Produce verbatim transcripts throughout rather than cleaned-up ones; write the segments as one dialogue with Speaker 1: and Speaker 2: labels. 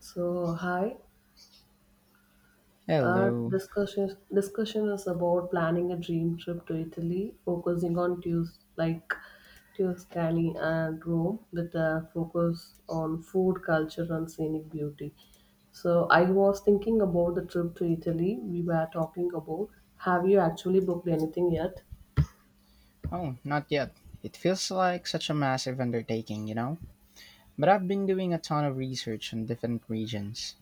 Speaker 1: So, hi. Our
Speaker 2: Hello.
Speaker 1: discussion discussion is about planning a dream trip to Italy, focusing on Tus like Tuscany and Rome, with a focus on food, culture, and scenic beauty. So, I was thinking about the trip to Italy we were talking about. Have you actually booked anything yet?
Speaker 2: Oh, not yet. It feels like such a massive undertaking, you know? But I've been doing a ton of research on different regions.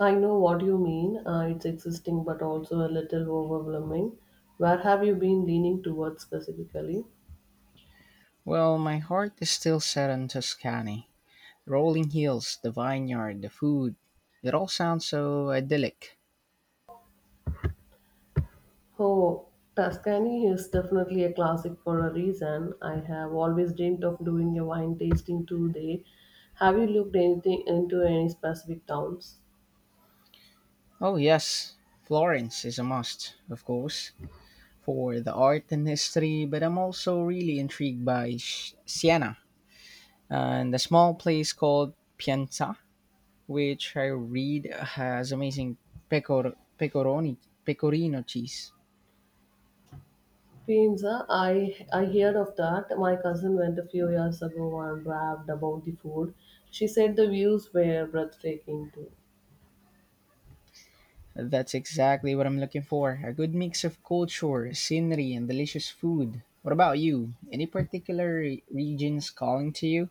Speaker 1: I know what you mean. Uh, it's existing, but also a little overwhelming. Where have you been leaning towards specifically?
Speaker 2: Well, my heart is still set on Tuscany. Rolling hills, the vineyard, the food. It all sounds so idyllic.
Speaker 1: Oh, Tuscany is definitely a classic for a reason. I have always dreamed of doing a wine tasting tour there. Have you looked anything into any specific towns?
Speaker 2: Oh, yes. Florence is a must, of course, for the art and history, but I'm also really intrigued by Sh- Siena and a small place called Pienza, which I read has amazing pecor- pecoroni, pecorino cheese.
Speaker 1: Pizza, I I heard of that. My cousin went a few years ago and raved about the food. She said the views were breathtaking too.
Speaker 2: That's exactly what I'm looking for, a good mix of culture, scenery, and delicious food. What about you? Any particular re- regions calling to you?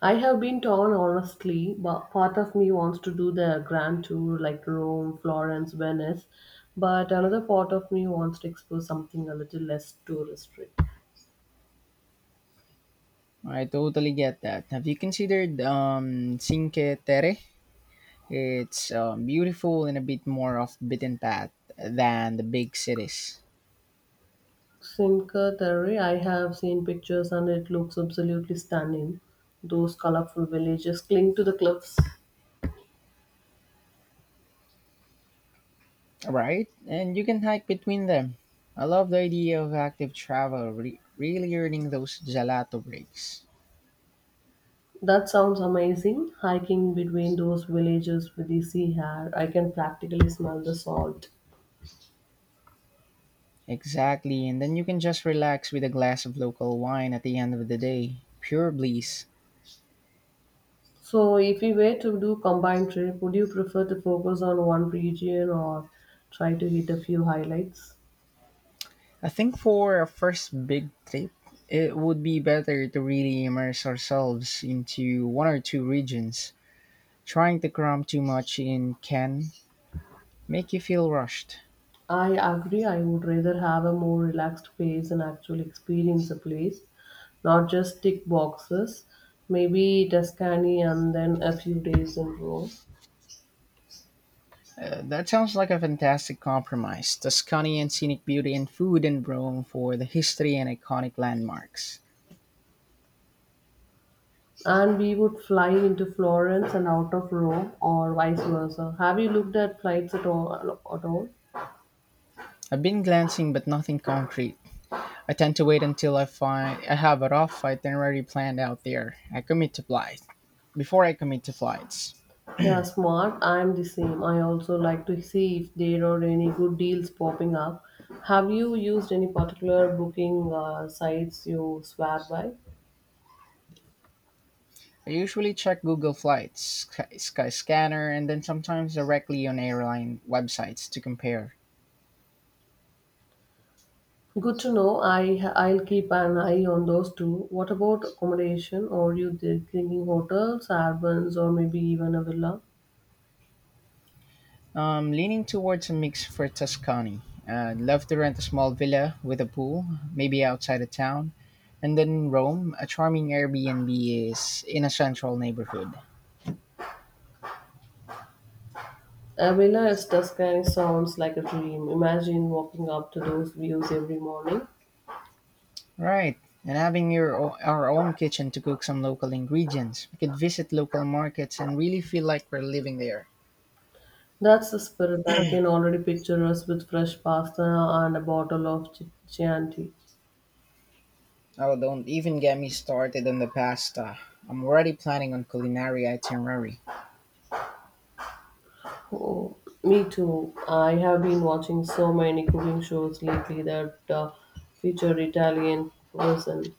Speaker 1: I have been torn, honestly, but part of me wants to do the grand tour like Rome, Florence, Venice, but another part of me wants to explore something a little less touristy.
Speaker 2: I totally get that. Have you considered um, Cinque Terre? It's um, beautiful and a bit more off beaten path than the big cities.
Speaker 1: Cinque Terre, I have seen pictures and it looks absolutely stunning. Those colorful villages cling to the cliffs.
Speaker 2: Right, and you can hike between them. I love the idea of active travel, re- really earning those gelato breaks.
Speaker 1: That sounds amazing. Hiking between those villages with the sea air, I can practically smell the salt.
Speaker 2: Exactly, and then you can just relax with a glass of local wine at the end of the day. Pure bliss.
Speaker 1: So, if you were to do combined trip, would you prefer to focus on one region or try to hit a few highlights?
Speaker 2: I think for our first big trip, it would be better to really immerse ourselves into one or two regions. Trying to cram too much in can make you feel rushed.
Speaker 1: I agree. I would rather have a more relaxed pace and actually experience a place, not just tick boxes. Maybe Tuscany and then a few days in Rome.
Speaker 2: Uh, that sounds like a fantastic compromise. Tuscany and scenic beauty and food and Rome for the history and iconic landmarks.
Speaker 1: And we would fly into Florence and out of Rome, or vice versa. Have you looked at flights at all? At all?
Speaker 2: I've been glancing but nothing concrete. I tend to wait until I find I have a rough itinerary planned out there. I commit to flights. Before I commit to flights.
Speaker 1: Yeah, smart. I'm the same. I also like to see if there are any good deals popping up. Have you used any particular booking uh, sites you swear by?
Speaker 2: I usually check Google Flights, Sky- Skyscanner, and then sometimes directly on airline websites to compare.
Speaker 1: Good to know. I I'll keep an eye on those too. What about accommodation? Are you th- thinking hotels, urbans, or maybe even a villa?
Speaker 2: Um, leaning towards a mix for Tuscany. I'd love to rent a small villa with a pool, maybe outside of town. And then in Rome, a charming Airbnb is in a central neighborhood.
Speaker 1: A villa is Tuscany sounds like a dream. Imagine walking up to those views every morning.
Speaker 2: Right. And having your o- our own kitchen to cook some local ingredients. We could visit local markets and really feel like we're living there.
Speaker 1: That's the spirit. I can already picture us with fresh pasta and a bottle of Chi- Chianti.
Speaker 2: Oh, don't even get me started on the pasta. I'm already planning on culinary itinerary.
Speaker 1: Oh, me too. I have been watching so many cooking shows lately that uh, feature Italian cuisine.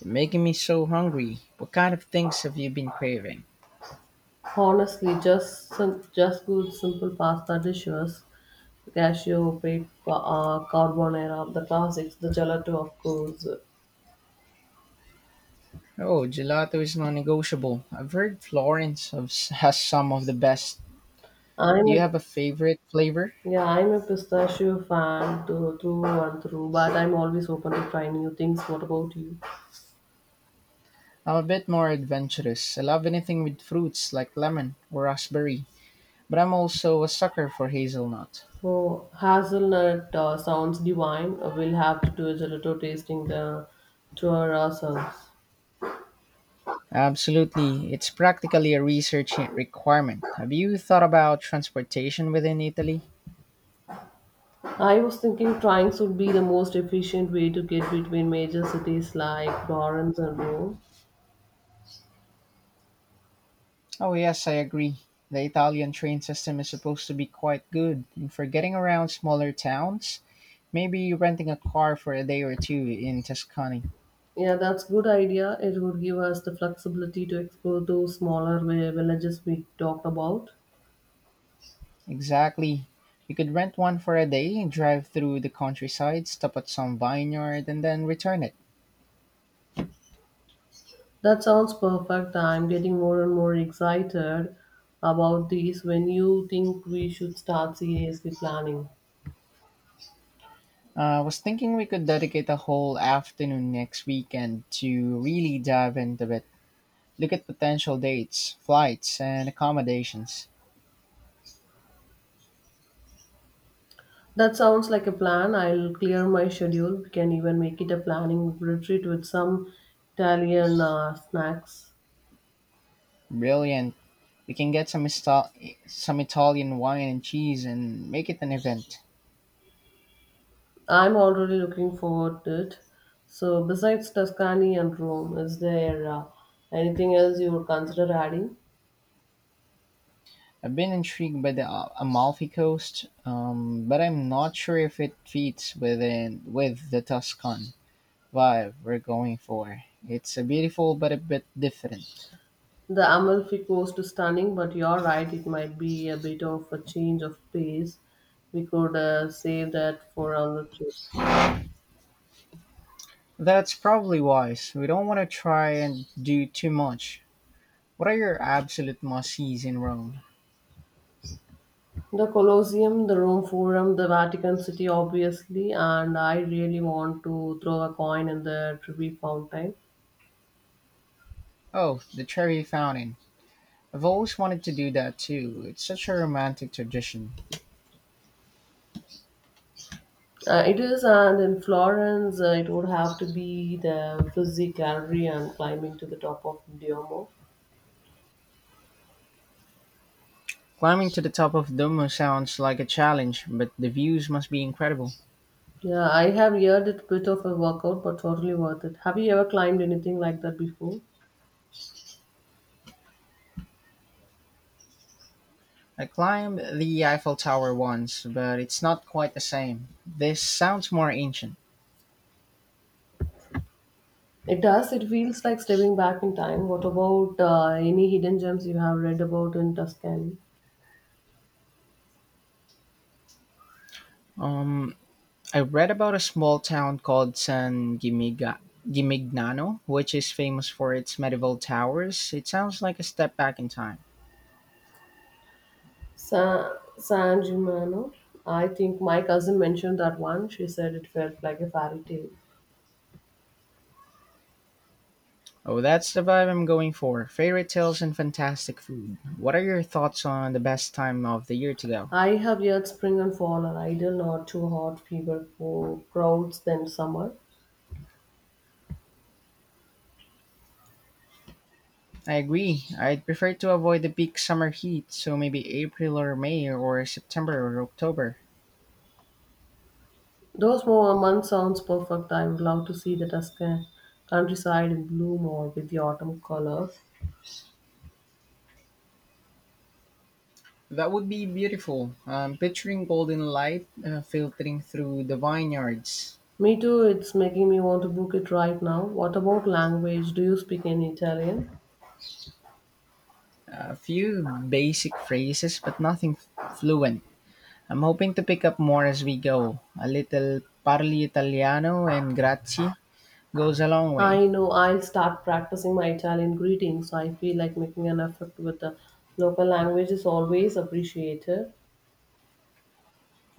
Speaker 2: You're making me so hungry. What kind of things have you been craving?
Speaker 1: Honestly, just some, just good simple pasta dishes, cashew, pepe, uh, carbonara, the classics, the gelato, of course.
Speaker 2: Oh, gelato is non-negotiable. I've heard Florence of- has some of the best.
Speaker 1: I'm
Speaker 2: Do
Speaker 1: a
Speaker 2: you have a favorite flavor?
Speaker 1: Yeah, I'm a pistachio fan to, through and through, but I'm always open to try new things. What about you?
Speaker 2: I'm a bit more adventurous. I love anything with fruits like lemon or raspberry, but I'm also a sucker for hazelnut.
Speaker 1: Oh, hazelnut uh, sounds divine. Uh, We'll have to do a gelato tasting the, to ourselves.
Speaker 2: Absolutely, it's practically a research requirement. Have you thought about transportation within Italy?
Speaker 1: I was thinking trains would be the most efficient way to get between major cities like Florence and Rome.
Speaker 2: Oh, yes, I agree. The Italian train system is supposed to be quite good, and for getting around smaller towns, maybe renting a car for a day or two in Tuscany.
Speaker 1: Yeah, that's good idea. It would give us the flexibility to explore those smaller vi- villages we talked about.
Speaker 2: Exactly. You could rent one for a day, drive through the countryside, stop at some vineyard, and then return it.
Speaker 1: That sounds perfect. I'm getting more and more excited about this. When you think we should start seriously planning?
Speaker 2: I was thinking we could dedicate a whole afternoon next weekend to really dive into it. Look at potential dates, flights, and accommodations.
Speaker 1: That sounds like a plan. I'll clear my schedule. We can even make it a planning retreat with some Italian uh, snacks.
Speaker 2: Brilliant. We can get some Ista- some Italian wine and cheese and make it an event.
Speaker 1: I'm already looking forward to it. So, besides Tuscany and Rome, is there uh, anything else you would consider adding?
Speaker 2: I've been intrigued by the Al- Amalfi Coast, um, but I'm not sure if it fits within with the Tuscan vibe we're going for. It's a beautiful but a bit different.
Speaker 1: The Amalfi Coast is stunning, but you're right, it might be a bit of a change of pace. We could uh, save that for another trip.
Speaker 2: That's probably wise. We don't want to try and do too much. What are your absolute must-sees in Rome?
Speaker 1: The Colosseum, the Rome Forum, the Vatican City, obviously, and I really want to throw a coin in the Trevi Fountain.
Speaker 2: Oh, the Trevi Fountain. I've always wanted to do that too. It's such a romantic tradition.
Speaker 1: Uh, it is, and in Florence, uh, it would have to be the Uffizi Gallery and climbing to the top of Duomo.
Speaker 2: Climbing to the top of Duomo sounds like a challenge, but the views must be incredible.
Speaker 1: Yeah, I have heard it bit of a workout, but totally worth it. Have you ever climbed anything like that before?
Speaker 2: I climbed the Eiffel Tower once, but it's not quite the same. This sounds more ancient.
Speaker 1: It does. It feels like stepping back in time. What about uh, any hidden gems you have read about in Tuscany?
Speaker 2: Um, I read about a small town called San Gimiga- Gimignano, which is famous for its medieval towers. It sounds like a step back in time.
Speaker 1: Sa- San Gimignano. I think my cousin mentioned that one. She said it felt like a fairy tale.
Speaker 2: Oh, that's the vibe I'm going for. Fairy tales and fantastic food. What are your thoughts on the best time of the year to go?
Speaker 1: I have yet spring and fall are ideal, not too hot, fever for crowds than summer.
Speaker 2: I agree. I'd prefer to avoid the peak summer heat, so maybe April or May or September or October.
Speaker 1: Those more months sounds perfect. I would love to see the Tuscan countryside in bloom or with the autumn colors.
Speaker 2: That would be beautiful. I'm picturing golden light uh, filtering through the vineyards.
Speaker 1: Me too, it's making me want to book it right now. What about language? Do you speak any Italian?
Speaker 2: A few basic phrases, but nothing fluent. I'm hoping to pick up more as we go. A little parli italiano and grazie goes a long
Speaker 1: I
Speaker 2: way.
Speaker 1: know I'll start practicing my Italian greetings. I feel like making an effort with the local language is always appreciated.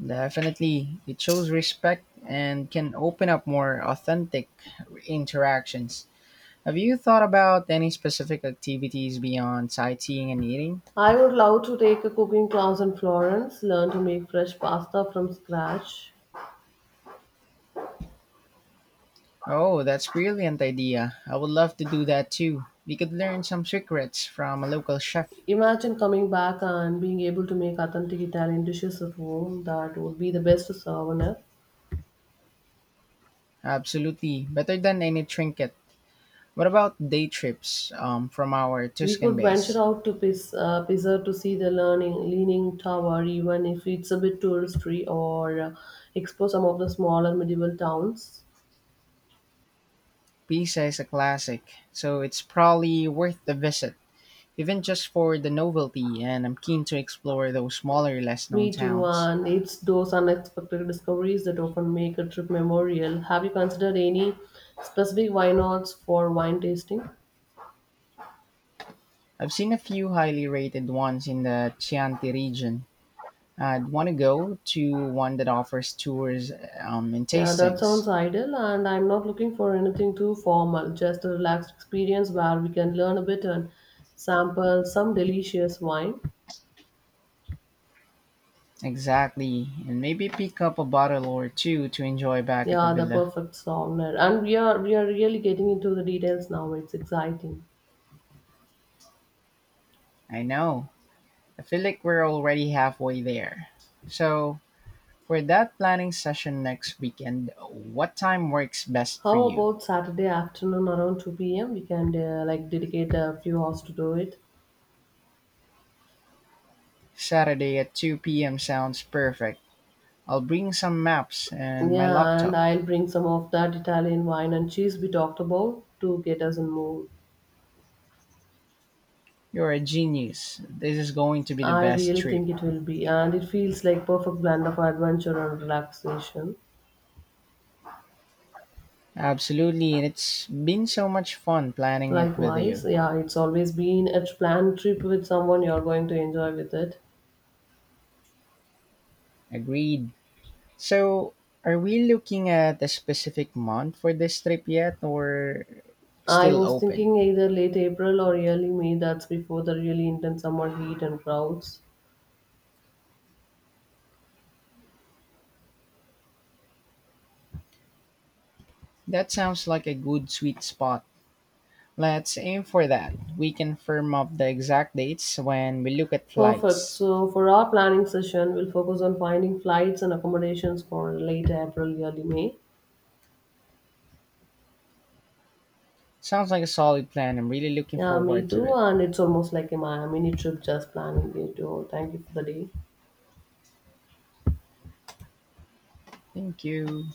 Speaker 2: Definitely, it shows respect and can open up more authentic interactions. Have you thought about any specific activities beyond sightseeing and eating?
Speaker 1: I would love to take a cooking class in Florence, learn to make fresh pasta from scratch.
Speaker 2: Oh, that's brilliant idea. I would love to do that too. We could learn some secrets from a local chef.
Speaker 1: Imagine coming back and being able to make authentic Italian dishes at home. That would be the best souvenir.
Speaker 2: Absolutely. Better than any trinket. What about day trips um, from our
Speaker 1: We
Speaker 2: Tuscan
Speaker 1: could venture
Speaker 2: base?
Speaker 1: out to Pis- uh, Pisa to see the learning, Leaning Tower, even if it's a bit touristy, or uh, explore some of the smaller medieval towns.
Speaker 2: Pisa is a classic, so it's probably worth the visit, even just for the novelty, and I'm keen to explore those smaller, less known
Speaker 1: Me too,
Speaker 2: towns.
Speaker 1: and it's those unexpected discoveries that often make a trip memorial. Have you considered any specific wine odds for wine tasting?
Speaker 2: I've seen a few highly rated ones in the Chianti region. I'd want to go to one that offers tours um, and
Speaker 1: Yeah, that
Speaker 2: tastings.
Speaker 1: sounds ideal, and I'm not looking for anything too formal, just a relaxed experience where we can learn a bit and sample some delicious wine.
Speaker 2: Exactly. And maybe pick up a bottle or two to enjoy back at the
Speaker 1: Yeah, the
Speaker 2: villa.
Speaker 1: perfect sauna. And we are we are really getting into the details now. It's exciting.
Speaker 2: I know. I feel like we're already halfway there. So, for that planning session next weekend, what time works best for
Speaker 1: How
Speaker 2: you?
Speaker 1: about Saturday afternoon around two p m? We can uh, like dedicate a few hours to do it.
Speaker 2: Saturday at two p m sounds perfect. I'll bring some maps and my
Speaker 1: Yeah, and
Speaker 2: laptop.
Speaker 1: I'll bring some of that Italian wine and cheese we talked about to get us in mood.
Speaker 2: You're a genius. This is going to be the
Speaker 1: I
Speaker 2: best
Speaker 1: really
Speaker 2: trip.
Speaker 1: think it will be, and it feels like perfect blend of adventure and relaxation.
Speaker 2: Absolutely, and it's been so much fun planning it with
Speaker 1: Likewise,
Speaker 2: you.
Speaker 1: yeah, it's always been a planned trip with someone you're going to enjoy with it.
Speaker 2: Agreed. So, are we looking at a specific month for this trip yet or
Speaker 1: I
Speaker 2: still
Speaker 1: was
Speaker 2: open?
Speaker 1: thinking either late April or early May, that's before the really intense summer heat and crowds.
Speaker 2: That sounds like a good sweet spot. Let's aim for that. We can firm up the exact dates when we look at
Speaker 1: Perfect.
Speaker 2: flights.
Speaker 1: So, for our planning session, we'll focus on finding flights and accommodations for late April, early May.
Speaker 2: Sounds like a solid plan. I'm really looking
Speaker 1: Yeah, me
Speaker 2: forward to
Speaker 1: too.
Speaker 2: it.
Speaker 1: And it's almost like a mi- mini trip just planning it. Oh, thank you for the day.
Speaker 2: Thank you.